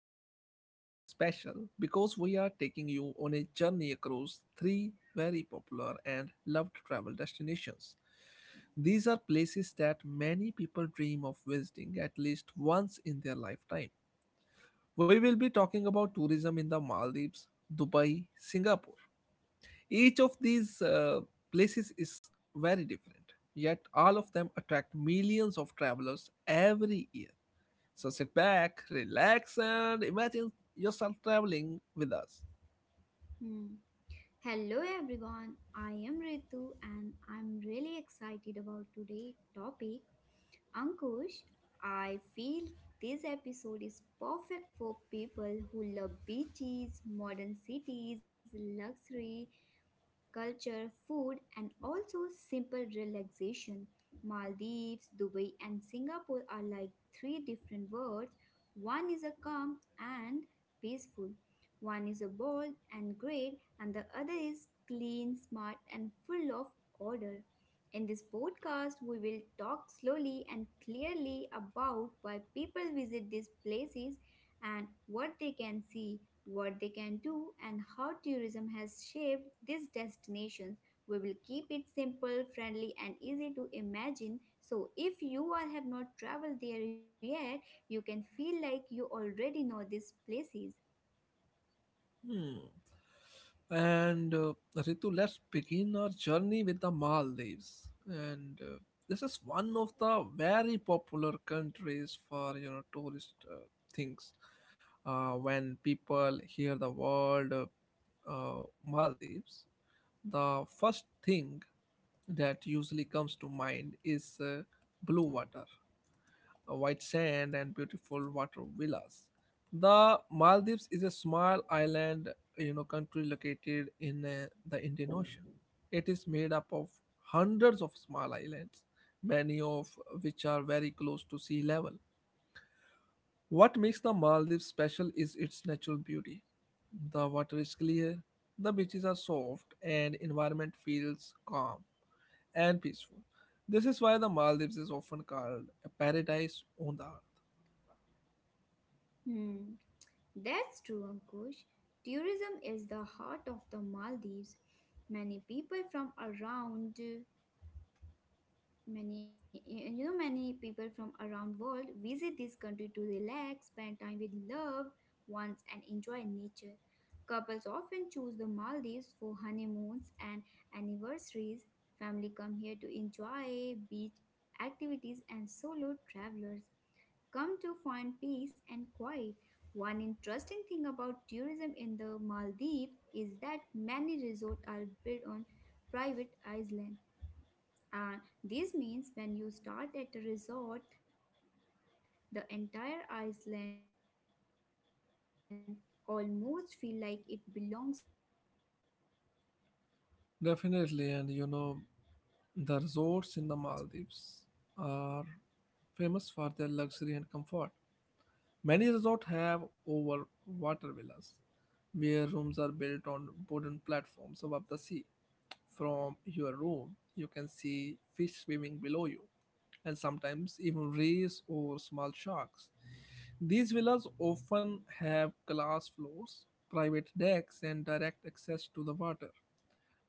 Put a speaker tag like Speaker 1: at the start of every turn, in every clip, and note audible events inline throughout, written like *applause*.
Speaker 1: Today's episode is special because we are taking you on a journey across three very popular and loved travel destinations. These are places that many people dream of visiting at least once in their lifetime. We will be talking about tourism in the Maldives, Dubai, Singapore. Each of these places is very different, yet, all of them attract millions of travelers every year. So, sit back, relax, and imagine yourself traveling with us.
Speaker 2: Hmm. Hello everyone, I am Ritu and I'm really excited about today's topic. Ankush, I feel this episode is perfect for people who love beaches, modern cities, luxury, culture, food, and also simple relaxation. Maldives, Dubai, and Singapore are like three different worlds. One is a calm and peaceful, one is a bold and great, and the other is clean, smart, and full of order. In this podcast, we will talk slowly and clearly about why people visit these places and what they can see what they can do, and how tourism has shaped these destinations. We will keep it simple, friendly, and easy to imagine. So, if you all have not traveled there yet, you can feel like you already know these places.
Speaker 1: Hmm. And Ritu, let's begin our journey with the Maldives. And this is one of the very popular countries for tourist things. When people hear the word Maldives, the first thing that usually comes to mind is blue water, white sand and beautiful water villas. The Maldives is a small island, country located in the Indian Ocean. It is made up of hundreds of small islands, many of which are very close to sea level. What makes the Maldives special is its natural beauty. The water is clear, the beaches are soft, and environment feels calm and peaceful. This is why the Maldives is often called a paradise on the earth.
Speaker 2: Hmm, that's true, Ankush. Tourism is the heart of the Maldives. Many people from around Many, many people from around world visit this country to relax, spend time with loved ones, and enjoy nature. Couples often choose the Maldives for honeymoons and anniversaries. Family come here to enjoy beach activities, and solo travelers come to find peace and quiet. One interesting thing about tourism in the Maldives is that many resorts are built on private islands and this means when you start at a resort, the entire island almost.
Speaker 1: Definitely, and the resorts in the Maldives are famous for their luxury and comfort. Many resorts have over water villas, where rooms are built on wooden platforms above the sea. From your room, you can see fish swimming below you, and sometimes even rays or small sharks. These villas often have glass floors, private decks, and direct access to the water.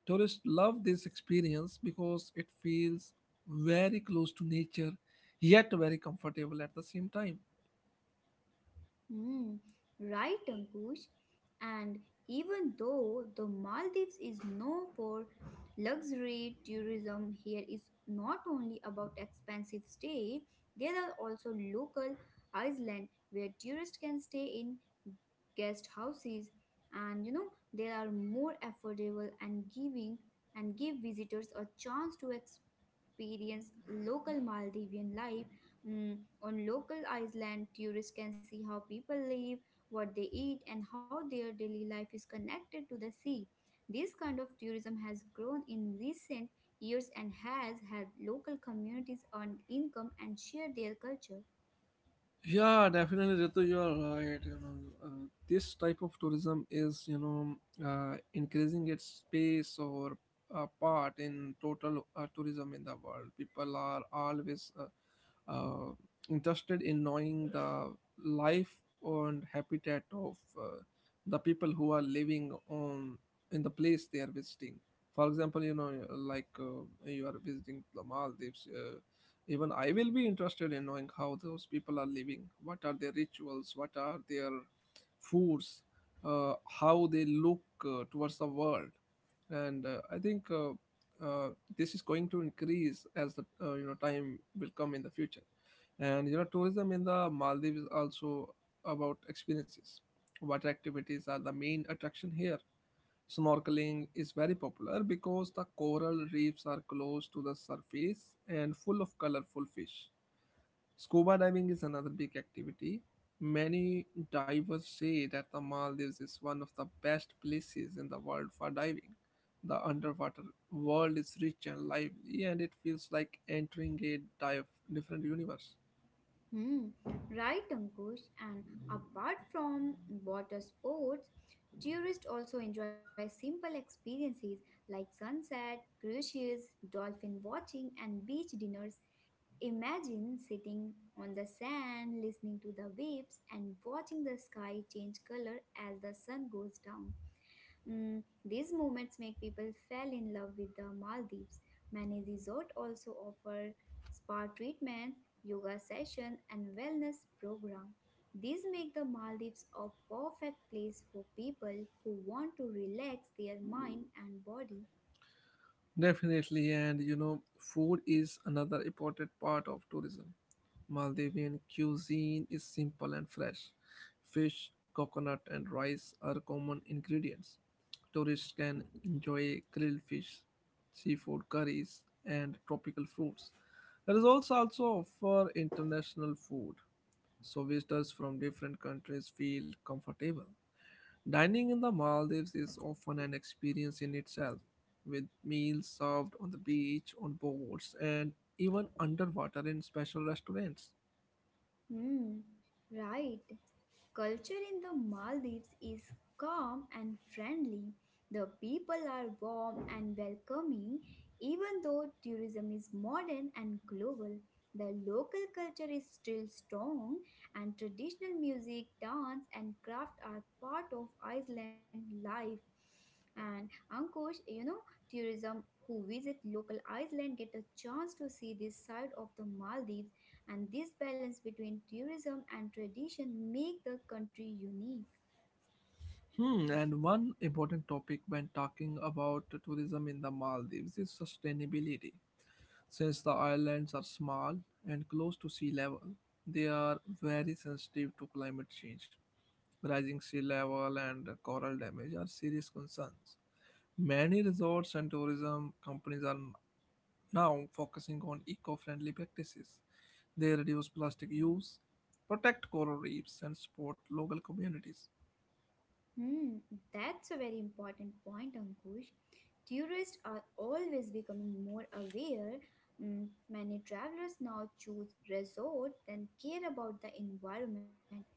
Speaker 1: Tourists love this experience because it feels very close to nature, yet very comfortable at the same time.
Speaker 2: Hmm, right, Ankush. And even though the Maldives is known for luxury tourism, here is not only about expensive stay, there are also local island where tourists can stay in guest houses and they are more affordable and giving and give visitors a chance to experience local Maldivian life. Mm, on local Iceland, tourists can see how people live, what they eat, and how their daily life is connected to the sea. This kind of tourism has grown in recent years and has helped local communities earn income and share their culture.
Speaker 1: Yeah, definitely, Ritu, you are right. This type of tourism is, increasing its space or part in total tourism in the world. People are always interested in knowing the life and habitat of the people who are living on in the place they are visiting. For example, like you are visiting the Maldives. Even I will be interested in knowing how those people are living. What are their rituals? What are their foods? Uh, how they look towards the world? And I think uh, this is going to increase as the time will come in the future. And tourism in the Maldives is also about experiences. Water activities are the main attraction here. Snorkeling is very popular because the coral reefs are close to the surface and full of colorful fish. Scuba diving is another big activity. Many divers say that the Maldives is one of the best places in the world for diving. The underwater world is rich and lively, and it feels like entering a dive different universe.
Speaker 2: Hmm, right, Ankush. And apart from water sports, tourists also enjoy simple experiences like sunset, cruises, dolphin watching, and beach dinners. Imagine sitting on the sand, listening to the waves, and watching the sky change color as the sun goes down. Mm, these moments make people fall in love with the Maldives. Many resorts also offer spa treatments, yoga sessions, and wellness programs. These make the Maldives a perfect place for people who want to relax their mind and body.
Speaker 1: Definitely, and food is another important part of tourism. Maldivian cuisine is simple and fresh. Fish, coconut, and rice are common ingredients. Tourists can enjoy grilled fish, seafood curries, and tropical fruits. Resorts also offer international food, so visitors from different countries feel comfortable. Dining in the Maldives is often an experience in itself, with meals served on the beach, on boats, and even underwater in special restaurants.
Speaker 2: Hmm, right. Culture in the Maldives is calm and friendly. The people are warm and welcoming, even though tourism is modern and global. The local culture is still strong, and traditional music, dance, and craft are part of Iceland life. And Ankush, you know, tourism who visit local Iceland get a chance to see this side of the Maldives and this balance between tourism and tradition make the country unique.
Speaker 1: And one important topic when talking about tourism in the Maldives is sustainability. Since the islands are small and close to sea level, they are very sensitive to climate change. Rising sea level and coral damage are serious concerns. Many resorts and tourism companies are now focusing on eco-friendly practices. They reduce plastic use, protect coral reefs, and support local communities.
Speaker 2: Hmm, that's a very important point, Ankush. Tourists are always becoming more aware. Mm, many travelers now choose resort than care about the environment.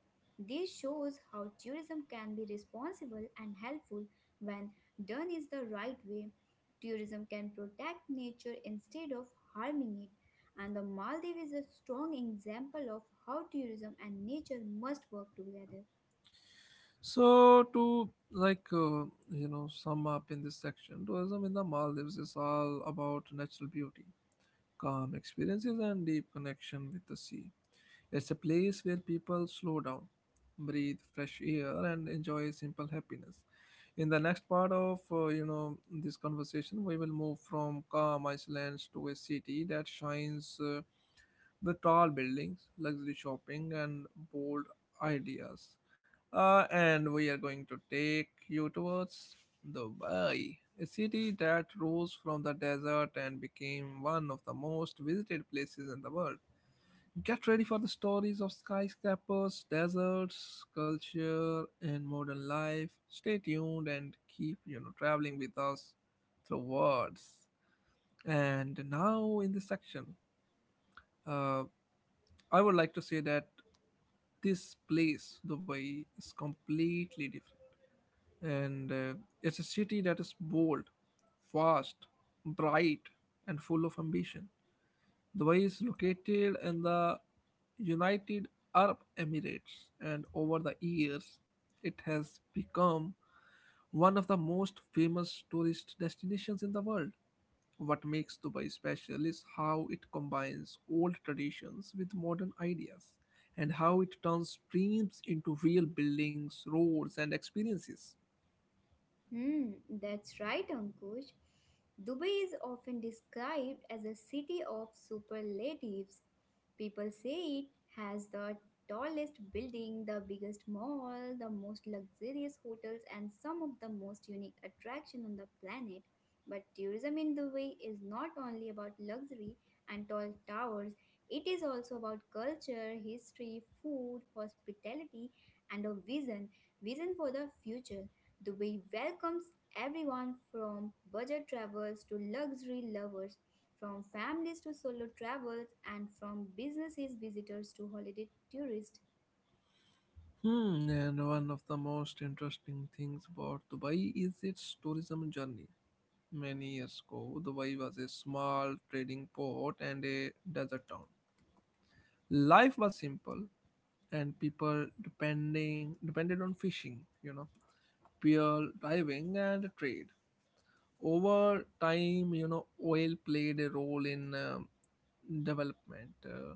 Speaker 2: This shows how tourism can be responsible and helpful when done is the right way. Tourism can protect nature instead of harming it. And the Maldives is a strong example of how tourism and nature must work together.
Speaker 1: So to like sum up in this section, tourism in the Maldives is all about natural beauty, calm experiences, and deep connection with the sea. It's a place where people slow down, breathe fresh air, and enjoy simple happiness. In the next part of this conversation, we will move from calm islands to a city that shines with tall buildings, luxury shopping, and bold ideas. And we are going to take you towards Dubai, a city that rose from the desert and became one of the most visited places in the world. Get ready for the stories of skyscrapers, deserts, culture, and modern life. Stay tuned and keep traveling with us through words. And now in this section, uh, I would like to say that this place, Dubai, is completely different, and it's a city that is bold, fast, bright, and full of ambition. Dubai is located in the United Arab Emirates, and over the years, it has become one of the most famous tourist destinations in the world. What makes Dubai special is how it combines old traditions with modern ideas and how it turns dreams into real buildings, roads, and experiences.
Speaker 2: Hmm, that's right, Ankush. Dubai is often described as a city of superlatives. People say it has the tallest building, the biggest mall, the most luxurious hotels, and some of the most unique attractions on the planet. But tourism in Dubai is not only about luxury and tall towers, it is also about culture, history, food, hospitality, and a vision for the future. The way welcomes everyone from budget travelers to luxury lovers, from families to solo travels, and from businesses visitors to holiday tourists.
Speaker 1: And one of the most interesting things about Dubai is its tourism journey. Many years ago, Dubai was a small trading port and a desert town. Life was simple, and people depending depended on fishing, pearl diving and trade. Over time, oil played a role in development,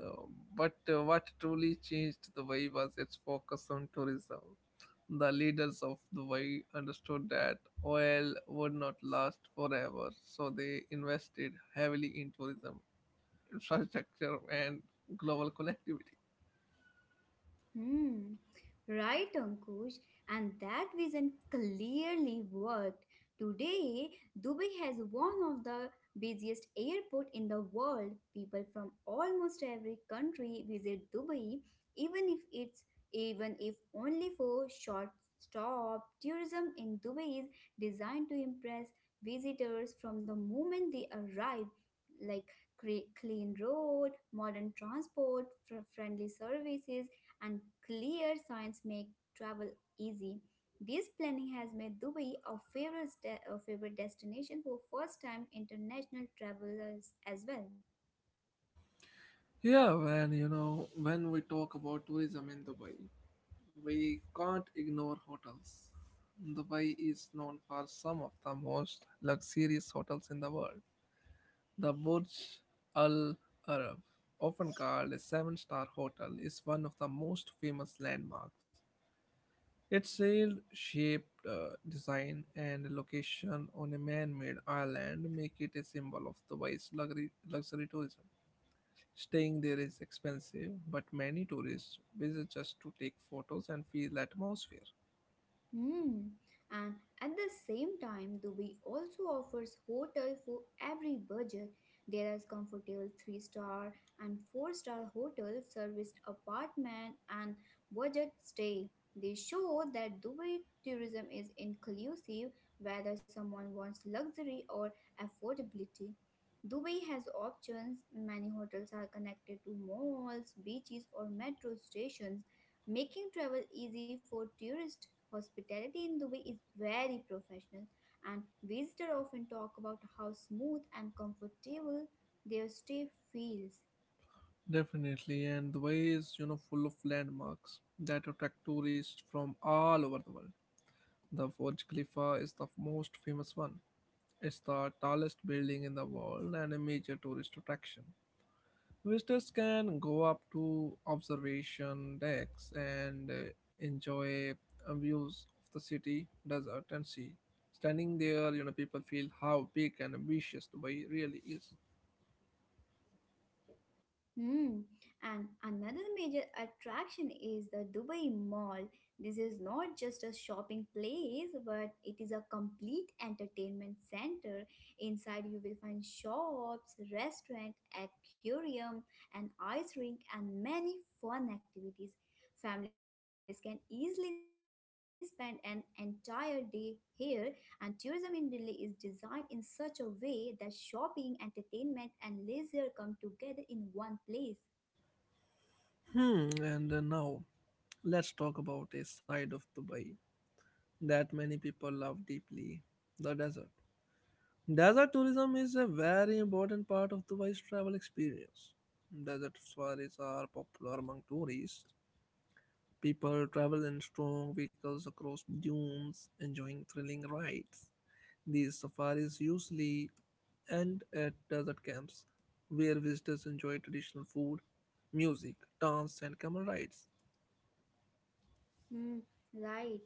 Speaker 1: uh, but what truly changed the way was its focus on tourism. The leaders of the way understood that oil would not last forever, so they invested heavily in tourism infrastructure and global connectivity.
Speaker 2: Hmm, right, Ankush. And that vision clearly worked. Today, Dubai has one of the busiest airport in the world. People from almost every country visit Dubai, even if it's even if only for short stop. Tourism in Dubai is designed to impress visitors from the moment they arrive, like clean road, modern transport, friendly services and clear signs make travel easy. This planning has made Dubai a a favorite destination for first time international travelers as well.
Speaker 1: Yeah, when you know when we talk about tourism in Dubai, we can't ignore hotels. Dubai is known for some of the most luxurious hotels in the world. The Burj Al Arab, often called a seven-star hotel, is one of the most famous landmarks. Its sailed shaped design and location on a man made island make it a symbol of Dubai's luxury tourism. Staying there is expensive, but many tourists visit just to take photos and feel the atmosphere.
Speaker 2: Hmm. And at the same time, Dubai also offers hotel for every budget. There is comfortable three-star and four-star hotels, serviced apartment, and budget stay. They show that Dubai tourism is inclusive, whether someone wants luxury or affordability. Dubai has options. Many hotels are connected to malls, beaches, or metro stations, making travel easy for tourists. Hospitality in Dubai is very professional, and visitors often talk about how smooth and comfortable their stay feels.
Speaker 1: Definitely, and the way is full of landmarks that attract tourists from all over the world. The Burj Khalifa is the most famous one. It's the tallest building in the world and a major tourist attraction. Visitors can go up to observation decks and enjoy views of the city, desert, and sea. Standing there, people feel how big and ambitious Dubai really is.
Speaker 2: Hmm. And another major attraction is the Dubai Mall. This is not just a shopping place, but it is a complete entertainment center. Inside, you will find shops, restaurant, aquarium, an ice rink, and many fun activities. Spend an entire day here, and tourism in Delhi is designed in such a way that shopping, entertainment, and leisure come together in one place.
Speaker 1: Hmm, and now let's talk about a side of Dubai that many people love deeply the desert. Desert tourism is a very important part of Dubai's travel experience. Desert safaris are popular among tourists. People travel in strong vehicles across dunes, enjoying thrilling rides. These safaris usually end at desert camps, where visitors enjoy traditional food, music, dance, and camel rides.
Speaker 2: Hmm, right.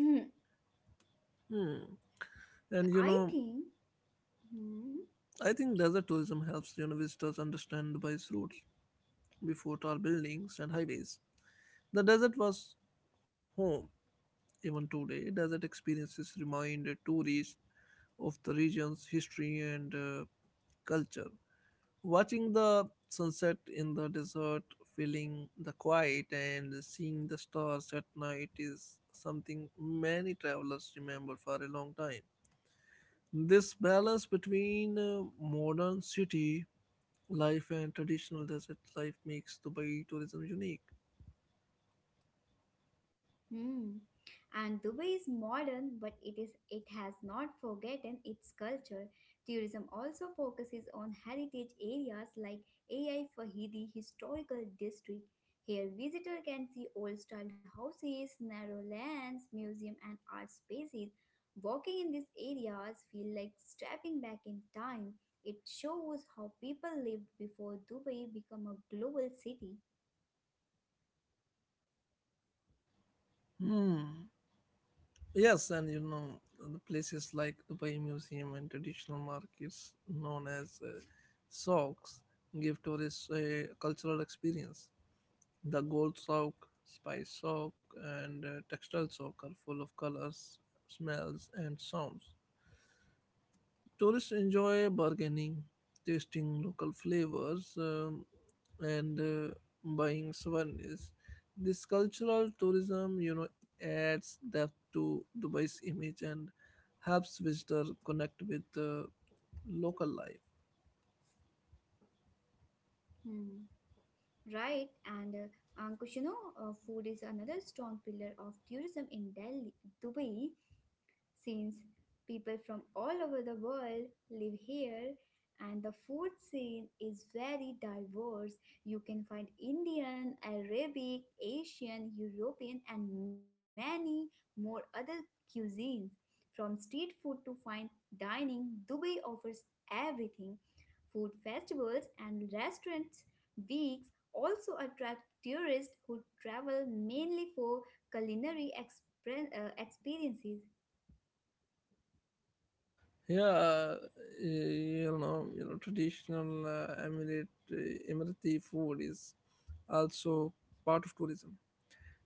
Speaker 2: *clears throat*
Speaker 1: Hmm. And
Speaker 2: I think. hmm,
Speaker 1: I think desert tourism helps visitors understand Dubai's roots before tall buildings and highways. The desert was home. Even today, desert experiences remind tourists of the region's history and culture. Watching the sunset in the desert, feeling the quiet, and seeing the stars at night is something many travelers remember for a long time. This balance between modern city life and traditional desert life makes Dubai tourism unique.
Speaker 2: Hmm. And Dubai is modern, but it has not forgotten its culture. Tourism also focuses on heritage areas like AI Fahidi Historical District. Here, visitor can see old-style houses, narrow lanes, museum, and art spaces. Walking in these areas feel like stepping back in time. It shows how people lived before Dubai became a global city.
Speaker 1: Hmm. Yes, and the places like Dubai Museum and traditional markets known as souks give tourists a cultural experience. The gold souk, spice souk, and textile souk are full of colors, smells, and sounds. Tourists enjoy bargaining, tasting local flavors, and buying souvenirs. This cultural tourism adds depth to Dubai's image and helps visitors connect with local life.
Speaker 2: Hmm. Right, and food is another strong pillar of Dubai, since people from all over the world live here, and the food scene is very diverse. You can find Indian, Arabic, European, and many more other cuisines. From street food to fine dining, Dubai offers everything. Food festivals and restaurants weeks also attract tourists who travel mainly for culinary experiences.
Speaker 1: Yeah, uh, Traditional Emirati food is also part of tourism.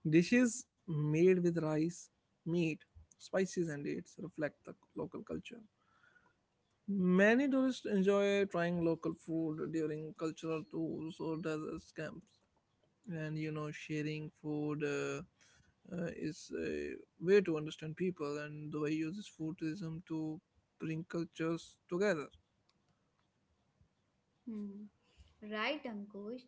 Speaker 1: Dishes made with rice, meat, spices, and dates reflect the local culture. Many tourists enjoy trying local food during cultural tours or desert camps, and sharing food is a way to understand people, and the way uses food tourism to bring cultures together.
Speaker 2: Hmm. Right, Ankush.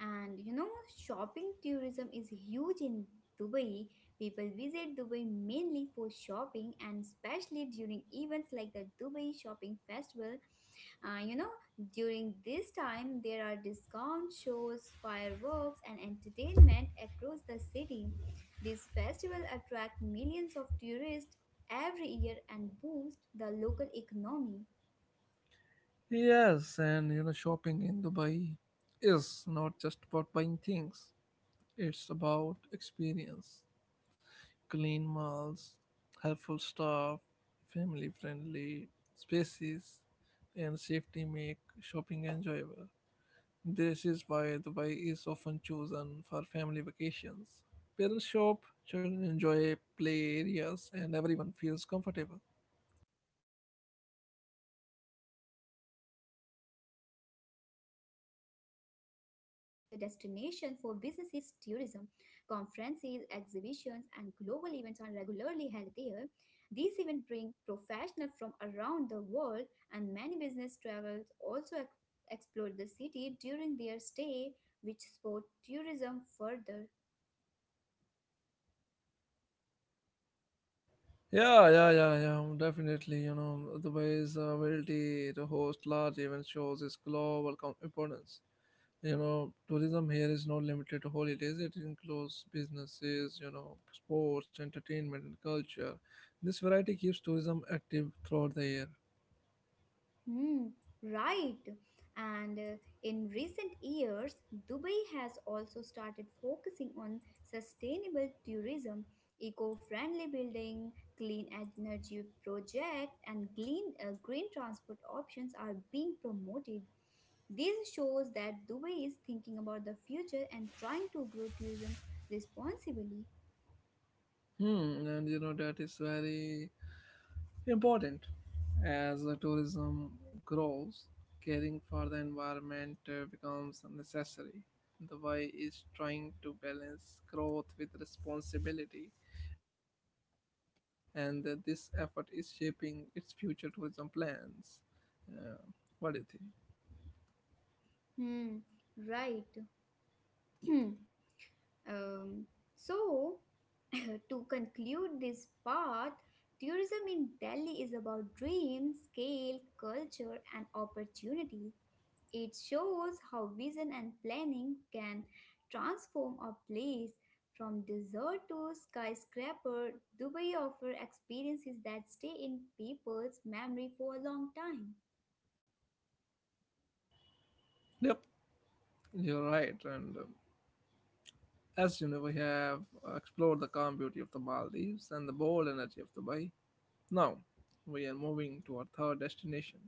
Speaker 2: And you know, shopping tourism is huge in Dubai. People visit Dubai mainly for shopping and especially during events like the Dubai Shopping Festival. Uh, you know, during this time, there are discount shows, fireworks, and entertainment across the city. This festival attract millions of tourists every year and boost the local economy.
Speaker 1: Yes, and shopping in Dubai is not just about buying things, it's about experience. Clean malls, helpful staff, family friendly spaces, and safety make shopping enjoyable. This is why Dubai is often chosen for family vacations. Parents shop, children enjoy play areas, and everyone feels comfortable.
Speaker 2: Hmm, right, Ankush. Dubai is also a major destination for businesses, tourism. Conferences, exhibitions, and global events are regularly held there. These events bring professionals from around the world, and many business travelers also explore the city during their stay, which support tourism further.
Speaker 1: Yeah, yeah, yeah, yeah, definitely. Dubai's ability to host large event shows its global importance. Tourism here is not limited to holidays. It includes businesses, sports, entertainment, and culture. This variety keeps tourism active throughout the year.
Speaker 2: Hmm, right. And in recent years, Dubai has also started focusing on sustainable tourism, eco-friendly building, clean energy project, and clean green transport options are being promoted. This shows that Dubai is thinking about the future and trying to grow tourism responsibly.
Speaker 1: Hmm, and you know That is very important as the tourism grows. Caring for the environment becomes necessary. The way is trying to balance growth with responsibility, and this effort is shaping its future tourism plans. Yeah. What do you think?
Speaker 2: *clears throat* Um, so, *laughs* to conclude this part, tourism in Delhi is about dreams, scale, culture, and opportunity. It shows how vision and planning can transform a place from desert to skyscraper. Dubai offers experiences that stay in people's memory for a long time.
Speaker 1: Yep, you're right. And as you know, we have explored the calm beauty of the Maldives and the bold energy of the Bay. Now, we are moving to our third destination,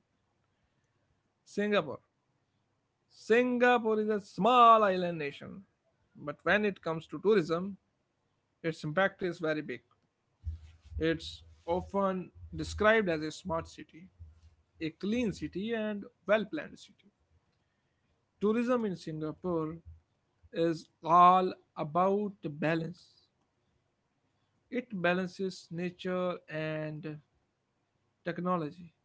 Speaker 1: Singapore. Singapore is a small island nation, but when it comes to tourism, its impact is very big. It's often described as a smart city, a clean city, and well planned city. Tourism in Singapore is all about balance. It balances nature and technology,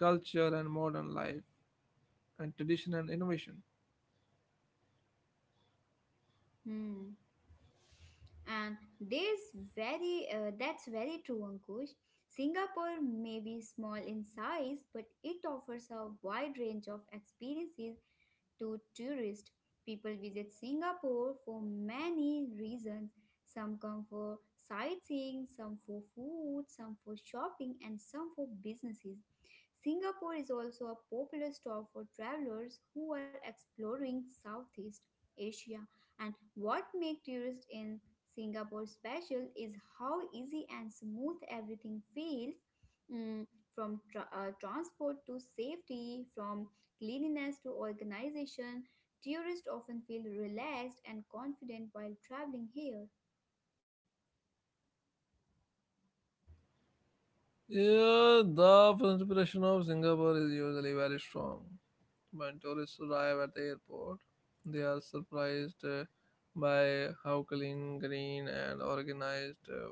Speaker 1: culture and modern life, and tradition and innovation.
Speaker 2: Hmm. and there's very that's very true, Ankush. Singapore may be small in size but it offers a wide range of experiences to tourists. People visit Singapore for many reasons. Some come for sightseeing, some for food, some for shopping, and some for businesses. Singapore is also a popular stop for travelers who are exploring Southeast Asia. And what makes tourists in Singapore special is how easy and smooth everything feels, mm, from transport to safety, from cleanliness to organization, tourists often feel relaxed and confident while traveling here.
Speaker 1: Yeah, the inspiration of Singapore is usually very strong. When tourists arrive at the airport, they are surprised by how clean, green, and organized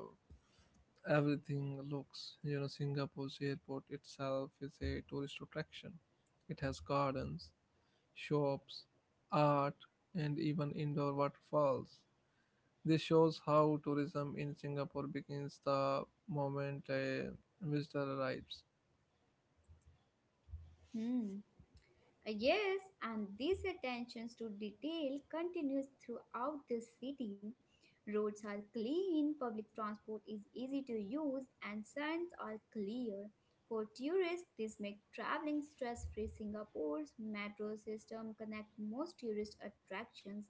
Speaker 1: everything looks. You know, Singapore's airport itself is a tourist attraction. It has gardens, shops, art, and even indoor waterfalls. This shows how tourism in Singapore begins the moment a visitor arrives.
Speaker 2: Hmm. Yes, and this attentions to detail continues throughout the city. Roads are clean, public transport is easy to use, and signs are clear. For tourists, this makes traveling stress-free. Singapore's metro system connect most tourist attractions,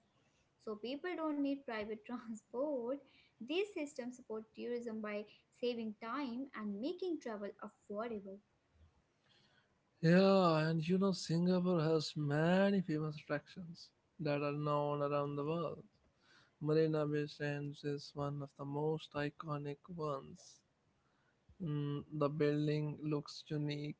Speaker 2: so people don't need private *laughs* transport. These systems support tourism by saving time and making travel affordable.
Speaker 1: Yeah, and you know, Singapore has many famous attractions that are known around the world. Marina Bay Sands is one of the most iconic ones. Mm, the building looks unique,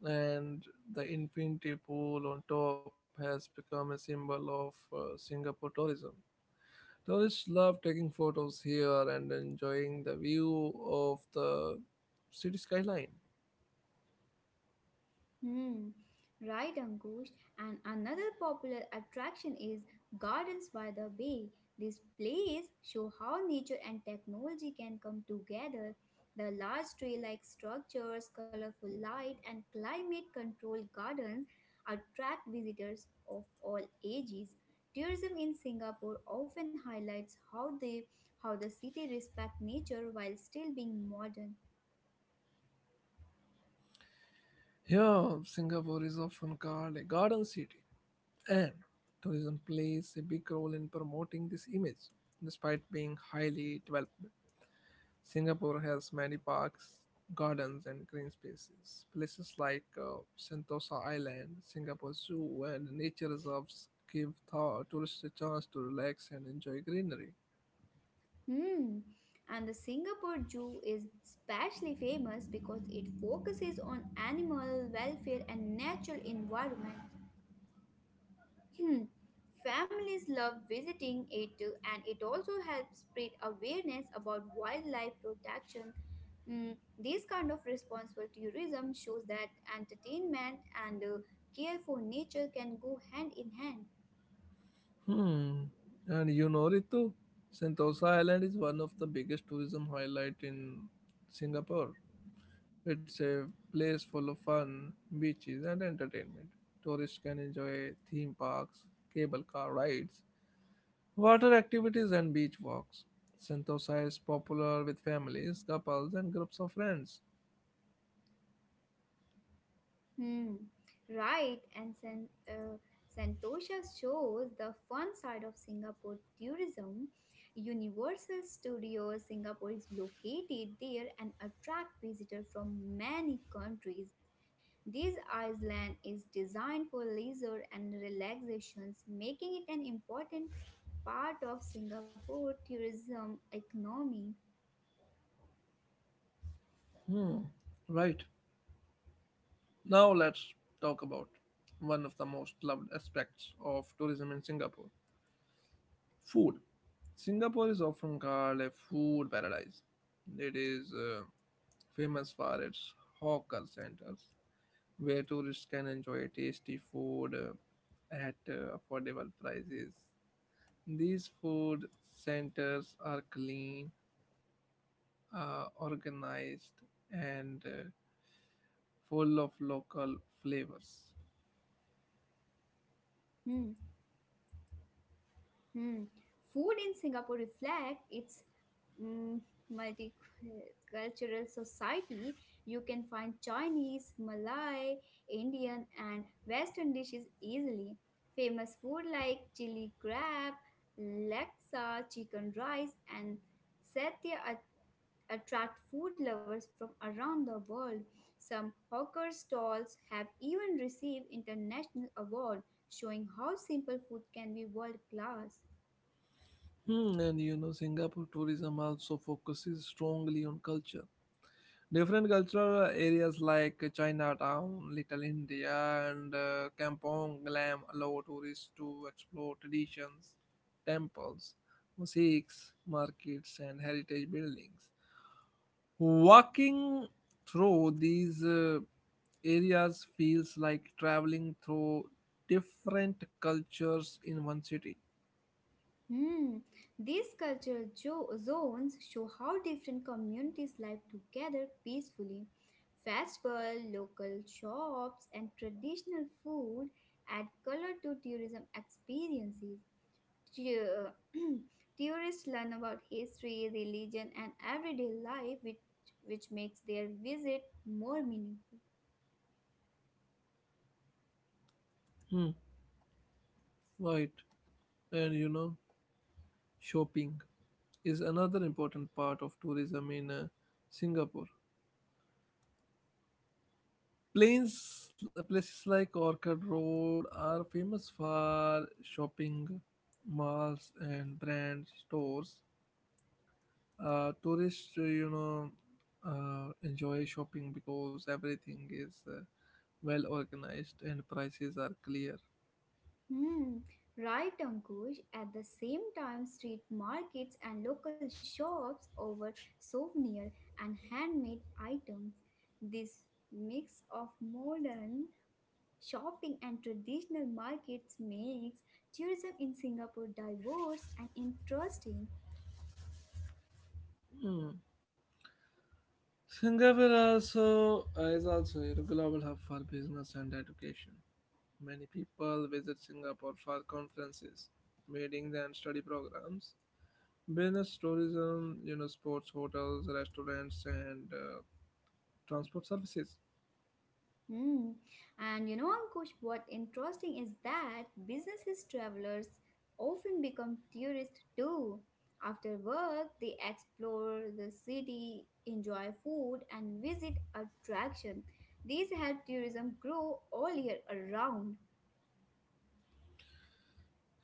Speaker 1: and the infinity pool on top has become a symbol of Singapore tourism. Tourists love taking photos here and enjoying the view of the city skyline.
Speaker 2: Hmm, right, Ankush. And another popular attraction is Gardens by the Bay. This place show how nature and technology can come together. The large tree-like structures, colorful light, and climate-controlled gardens attract visitors of all ages. Tourism in Singapore often highlights how they how the city respect nature while still being modern.
Speaker 1: Here, Singapore is often called a garden city, and tourism plays a big role in promoting this image. Despite being highly developed, Singapore has many parks, gardens, and green spaces. Places like Sentosa Island, Singapore Zoo, and nature reserves give tourists a chance to relax and enjoy greenery.
Speaker 2: Hmm. And the Singapore Zoo is especially famous because it focuses on animal welfare and natural environment. Hmm. Families love visiting it too, and it also helps spread awareness about wildlife protection. Mm, this kind of responsible tourism shows that entertainment and care for nature can go hand in hand.
Speaker 1: Hmm. And you know it too. Sentosa Island is one of the biggest tourism highlight in Singapore. It's a place full of fun, beaches and entertainment. Tourists can enjoy theme parks, cable car rides, water activities and beach walks. Sentosa is popular with families, couples and groups of friends.
Speaker 2: Hmm. Right, and Santosha shows the fun side of Singapore tourism. Universal Studios Singapore is located there and attract visitors from many countries. This island is designed for leisure and relaxations, making it an important part of Singapore tourism economy.
Speaker 1: Right. Now let's talk about one of the most loved aspects of tourism in Singapore. Food. Singapore is often called a food paradise. It is famous for its hawker centers, where tourists can enjoy tasty food at affordable prices. These food centers are clean, organized, and full of local flavors.
Speaker 2: Hmm. Hmm. Food in Singapore reflect its, mm, multicultural society, you can find Chinese, Malay, Indian, and Western dishes easily. Famous food like chili crab, laksa, chicken rice, and satya at- attract food lovers from around the world. Some hawker stalls have even received international awards, showing how simple food can be world class.
Speaker 1: Hmm, and you know, Singapore tourism also focuses strongly on culture. Different cultural areas like Chinatown, Little India, and Kampong Glam allow tourists to explore traditions, temples, mosques, markets, and heritage buildings. Walking through these areas feels like traveling through different cultures in one city.
Speaker 2: Hmm. These zones show how different communities live together peacefully. Festival, local shops, and traditional food add color to tourism experiences. Tu- *clears throat* Tourists learn about history, religion, and everyday life, which makes their visit more meaningful.
Speaker 1: Hmm, right. And you know, shopping is another important part of tourism in Singapore. Plains, places like Orchard Road are famous for shopping malls and brand stores. Tourists, enjoy shopping because everything is well organized and prices are clear.
Speaker 2: Hmm, right, Ankush. At the same time, street markets and local shops offer souvenir and handmade items. This mix of modern shopping and traditional markets makes tourism in Singapore diverse and interesting.
Speaker 1: Hmm. Singapore also is also a global hub for business and education. Many people visit Singapore for conferences, meetings, and study programs. Business tourism, you know, sports, hotels, restaurants, and transport services.
Speaker 2: Hmm. Ankush, what interesting is that businesses travelers often become tourists too. After work, they explore the city, enjoy food, and visit attraction. These help tourism grow all year around.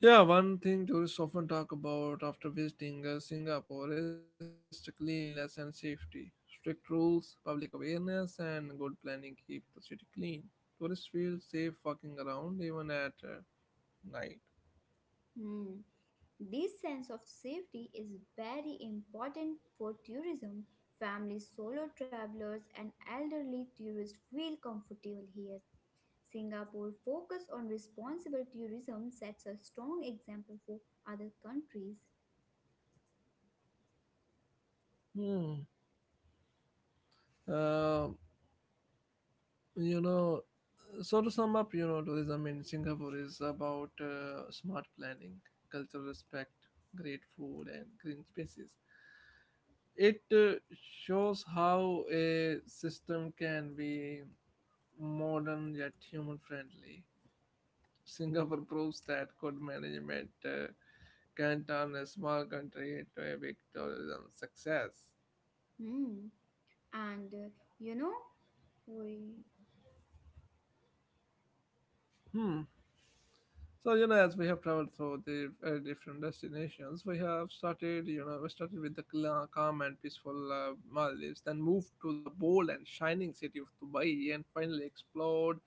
Speaker 1: Yeah, one thing tourists often talk about after visiting Singapore is cleanliness and safety. Strict rules, public awareness, and good planning keep the city clean. Tourists feel safe walking around even at night.
Speaker 2: Hmm. This sense of safety is very important for tourism. Families, solo travelers, and elderly tourists feel comfortable here. Singapore focus on responsible tourism sets a strong example for other countries.
Speaker 1: Hmm. Uh, you know, so to sum up, you know, tourism in Singapore is about smart planning, cultural respect, great food and green spaces. It shows how a system can be modern yet human friendly. Singapore proves that good management can turn a small country into a big tourism success.
Speaker 2: Hmm. And uh, you know, we
Speaker 1: Hmm. So you know, as we have traveled through the different destinations, we have started. You know, we started with the calm and peaceful Maldives, then moved to the bold and shining city of Dubai, and finally explored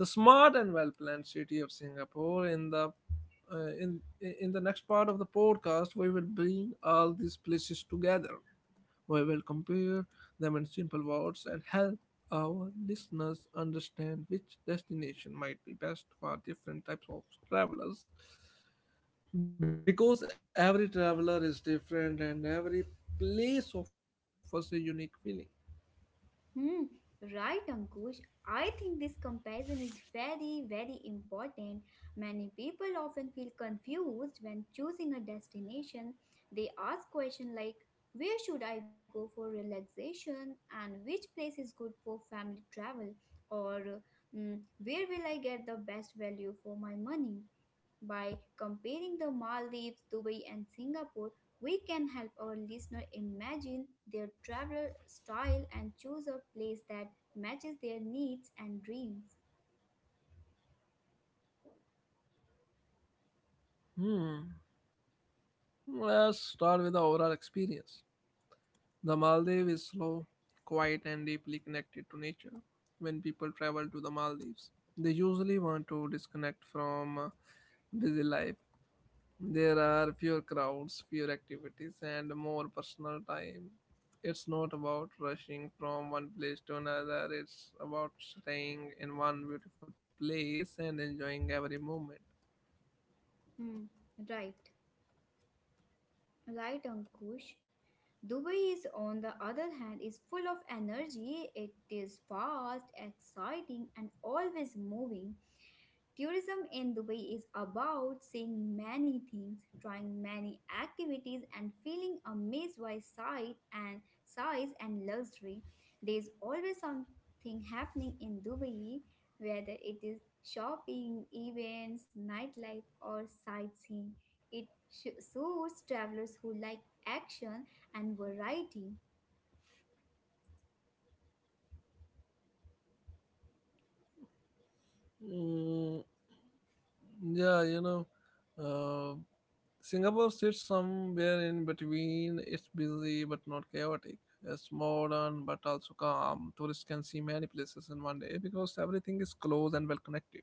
Speaker 1: the smart and well-planned city of Singapore. In the next part of the podcast, we will bring all these places together. We will compare them in simple words and help our listeners understand which destination might be best for different types of travelers. Because every traveler is different and every place offers a unique feeling.
Speaker 2: Hmm, right, Ankush. I think this comparison is very, very important. Many people often feel confused when choosing a destination. They ask questions like, where should I go for relaxation? And which place is good for family travel? Or, "Hmm, where will I get the best value for my money?" By comparing the Maldives, Dubai, and Singapore, we can help our listener imagine their travel style and choose a place that matches their needs and dreams.
Speaker 1: Hmm. Let's start with the overall experience. The Maldives is slow, quiet, and deeply connected to nature. When people travel to the Maldives, they usually want to disconnect from busy life. There are fewer crowds, fewer activities, and more personal time. It's not about rushing from one place to another, it's about staying in one beautiful place and enjoying every moment.
Speaker 2: Hmm, right. Right, Ankush. Dubai is, on the other hand, is full of energy. It is fast, exciting, and always moving. Tourism in Dubai is about seeing many things, trying many activities, and feeling amazed by sight and size and luxury. There is always something happening in Dubai, whether it is shopping, events, nightlife, or sightseeing. Shows travelers who like action and variety.
Speaker 1: Mm, yeah, you know, uh, Singapore sits somewhere in between. It's busy but not chaotic. It's modern but also calm. Tourists can see many places in one day because everything is close and well connected.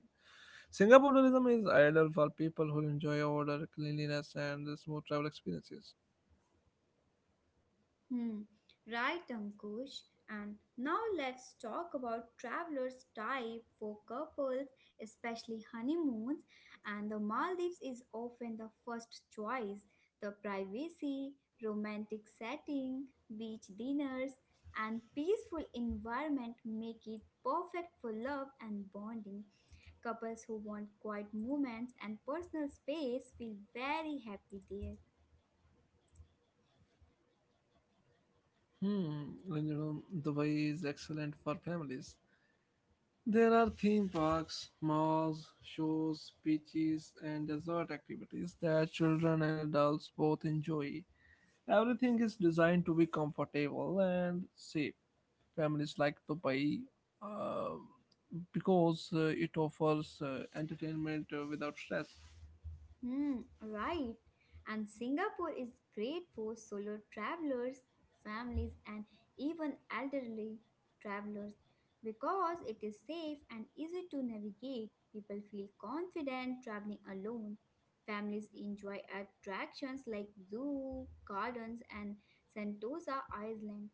Speaker 1: Singapore tourism is ideal for people who enjoy order, cleanliness, and the smooth travel experiences.
Speaker 2: Hmm, right, Ankush. And now let's talk about travelers type for couples, especially honeymoons. And the Maldives is often the first choice. The privacy, romantic setting, beach dinners, and peaceful environment make it perfect for love and bonding. Couples who want quiet moments and personal space feel very happy there.
Speaker 1: Hmm, and you know, Dubai is excellent for families. There are theme parks, malls, shows, beaches, and resort activities that children and adults both enjoy. Everything is designed to be comfortable and safe. Families like Dubai uh, because it offers entertainment without stress.
Speaker 2: Hmm, right. And Singapore is great for solo travelers, families, and even elderly travelers because it is safe and easy to navigate. People feel confident traveling alone. Families enjoy attractions like zoo, gardens, and Sentosa Island,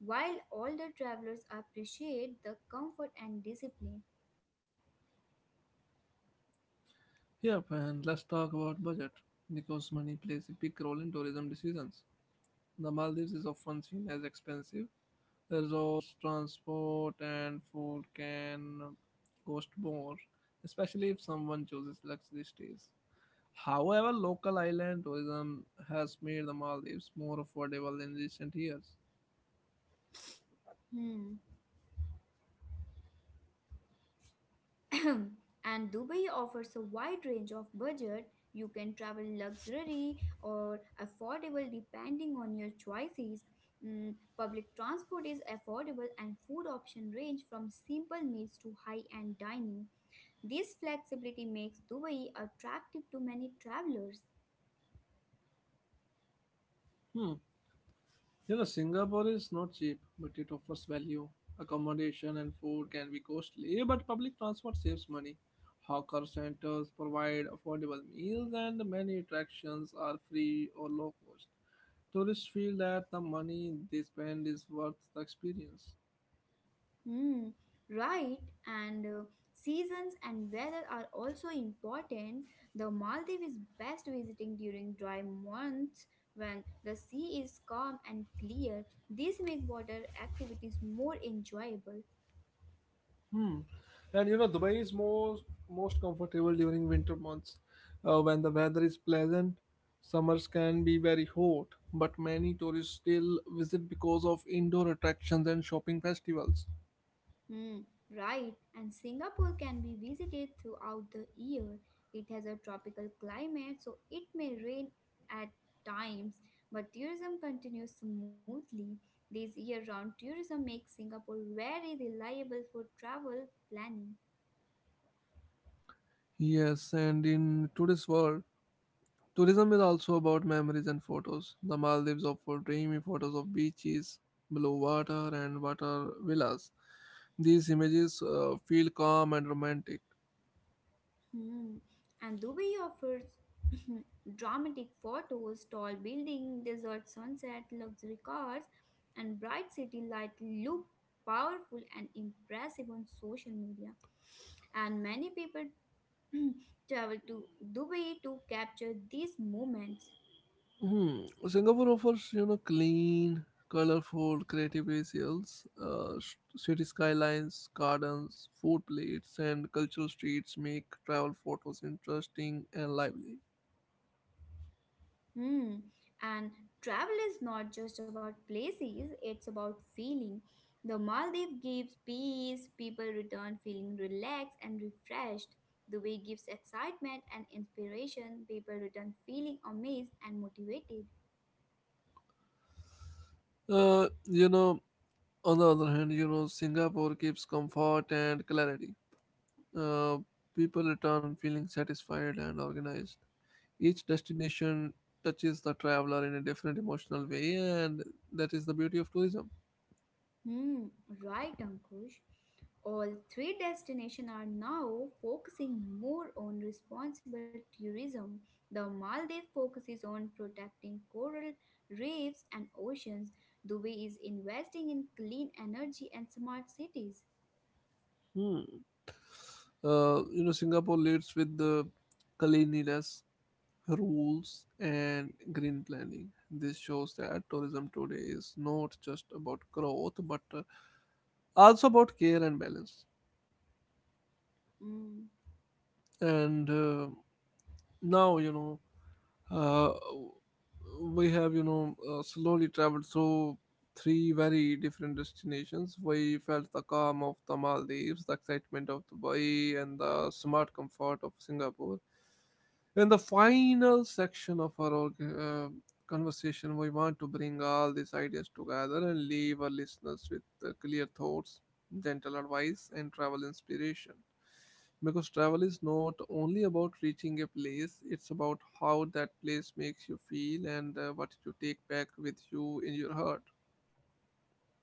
Speaker 2: while older travelers appreciate the comfort and discipline.
Speaker 1: Yep, and let's talk about budget because money plays a big role in tourism decisions. The Maldives is often seen as expensive. Resorts, transport, and food can cost more, especially if someone chooses luxury stays. However, local island tourism has made the Maldives more affordable in recent years.
Speaker 2: Hmm. *clears throat* And Dubai offers a wide range of budget. You can travel luxury or affordable depending on your choices. Public transport is affordable and food options range from simple meals to high-end dining. This flexibility makes Dubai attractive to many travelers.
Speaker 1: Hmm. You know, Singapore is not cheap, but it offers value. Accommodation and food can be costly, but public transport saves money. Hawker centers provide affordable meals, and many attractions are free or low cost. Tourists feel that the money they spend is worth the experience.
Speaker 2: Hmm, right, and seasons and weather are also important. The Maldives is best visiting during dry months when the sea is calm and clear. These make water activities more enjoyable.
Speaker 1: Hmm. And you know, Dubai is most comfortable during winter months, when the weather is pleasant. Summers can be very hot, but many tourists still visit because of indoor attractions and shopping festivals.
Speaker 2: Hmm, right. And Singapore can be visited throughout the year. It has a tropical climate, so it may rain at times, but tourism continues smoothly. This year round tourism makes Singapore very reliable for travel planning.
Speaker 1: Yes, and in today's world, tourism is also about memories and photos. The Maldives offer dreamy photos of beaches, blue water, and water villas. These images feel calm and romantic.
Speaker 2: Hmm. And Dubai offers *clears throat* dramatic photos, tall building, desert sunset, luxury cars, and bright city light look powerful and impressive on social media. And many people *clears throat* travel to Dubai to capture these moments.
Speaker 1: Hmm. Singapore offers, you know, clean, colorful, creative visuals, city skylines, gardens, food plates, and cultural streets make travel photos interesting and lively.
Speaker 2: Hmm. And travel is not just about places, it's about feeling. The Maldives gives peace, people return feeling relaxed and refreshed. The way gives excitement and inspiration, people return feeling amazed and motivated.
Speaker 1: Uh, you know, on the other hand, you know, Singapore gives comfort and clarity. Uh, People return feeling satisfied and organized. Each destination touches the traveler in a different emotional way, and that is the beauty of tourism.
Speaker 2: Hmm, right, Ankush. All three destinations are now focusing more on responsible tourism. The Maldives focuses on protecting coral reefs and oceans. Dubai is investing in clean energy and smart cities.
Speaker 1: Hmm. Singapore leads with the cleanliness, rules, and green planning. This shows that tourism today is not just about growth, but also about care and balance.
Speaker 2: Hmm.
Speaker 1: And now, you know, Uh, we have, you know, slowly traveled through three very different destinations. We felt the calm of the Maldives, the excitement of Dubai, and the smart comfort of Singapore. In the final section of our conversation, we want to bring all these ideas together and leave our listeners with clear thoughts, gentle advice, and travel inspiration. Because travel is not only about reaching a place, it's about how that place makes you feel and what you take back with you in your heart.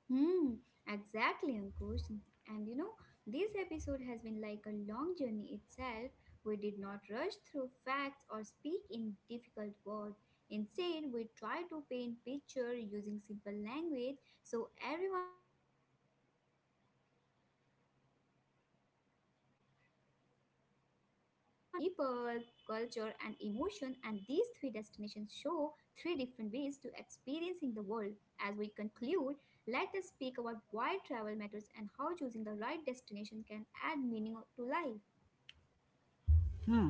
Speaker 2: Hmm, exactly, Ankush. And you know, this episode has been like a long journey itself. We did not rush through facts or speak in difficult words. Instead, we tried to paint picture using simple language so everyone could imagine these places easily. Tourism connects people, culture, and emotion, and these three destinations show three different ways to experiencing the world. As we conclude, let us speak about why travel matters and how choosing the right destination can add meaning to life.
Speaker 1: Hmm.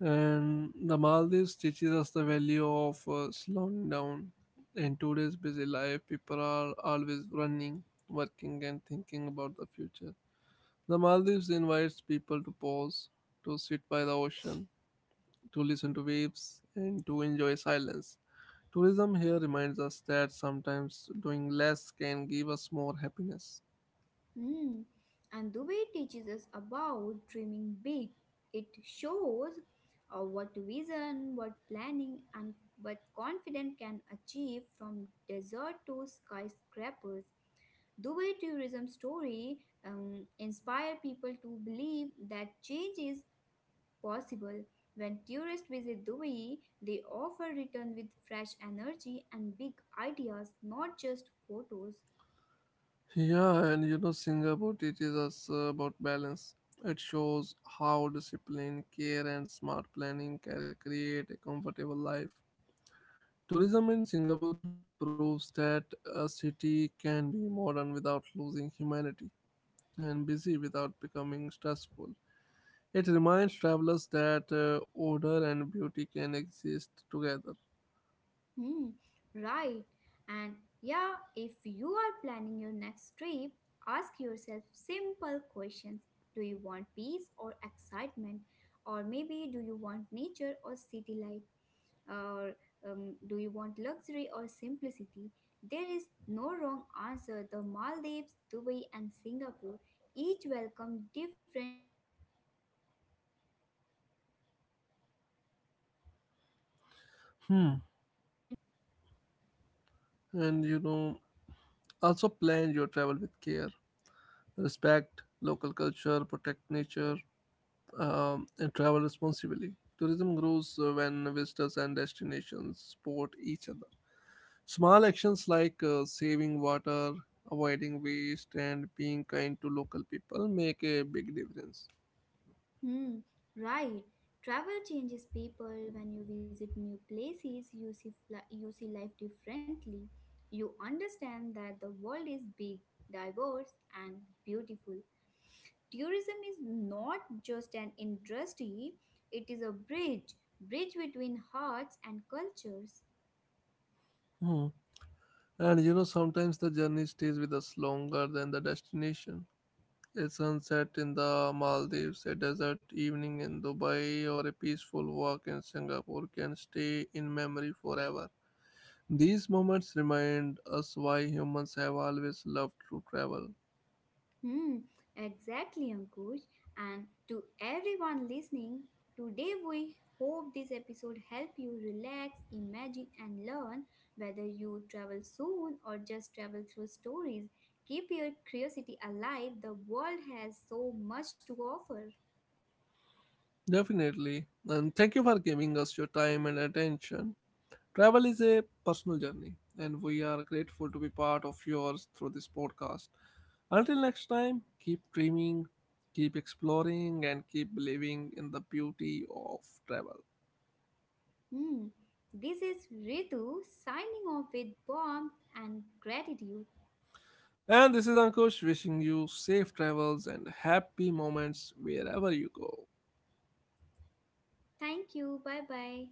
Speaker 1: And the Maldives teaches us the value of slowing down. In today's busy life, people are always running, working, and thinking about the future. The Maldives invites people to pause, to sit by the ocean, to listen to waves, and to enjoy silence. Tourism here reminds us that sometimes doing less can give us more happiness.
Speaker 2: Hmm. And Dubai teaches us about dreaming big. It shows what vision, what planning, and what confident can achieve from desert to skyscrapers. Dubai tourism story inspire people to believe that change is possible. When tourists visit Dubai, they often return with fresh energy and big ideas, not just photos.
Speaker 1: Yeah, and you know, Singapore teaches us about balance. It shows how discipline, care, and smart planning can create a comfortable life. Tourism in Singapore proves that a city can be modern without losing humanity and busy without becoming stressful. It reminds travelers that order and beauty can exist together.
Speaker 2: Hmm, right. And yeah, if you are planning your next trip, ask yourself simple questions. Do you want peace or excitement? Or maybe do you want nature or city life? Or do you want luxury or simplicity? There is no wrong answer. The Maldives, Dubai, and Singapore each welcome different needs.
Speaker 1: Hmm. And you know, also, plan your travel with care. Respect local culture, protect nature, and travel responsibly. Tourism grows when visitors and destinations support each other. Small actions like saving water, avoiding waste, and being kind to local people make a big difference.
Speaker 2: Hmm, right. Travel changes people. When you visit new places, you see life differently. You understand that the world is big, diverse, and beautiful. Tourism is not just an industry, it is a bridge between hearts and cultures.
Speaker 1: Hmm. And you know, sometimes the journey stays with us longer than the destination. A sunset in the Maldives, a desert evening in Dubai, or a peaceful walk in Singapore can stay in memory forever. These moments remind us why humans have always loved to travel.
Speaker 2: Hmm, exactly, Ankush. And to everyone listening today, we hope this episode help you relax, imagine, and learn. Whether you travel soon or just travel through stories, keep your curiosity alive. The world has so much to offer.
Speaker 1: Definitely. And thank you for giving us your time and attention. Travel is a personal journey, and we are grateful to be part of yours through this podcast. Until next time, keep dreaming, keep exploring, and keep believing in the beauty of travel.
Speaker 2: Hmm. This is Ritu signing off with warmth and gratitude.
Speaker 1: And this is Ankush wishing you safe travels and happy moments wherever you go.
Speaker 2: Thank you. Bye bye.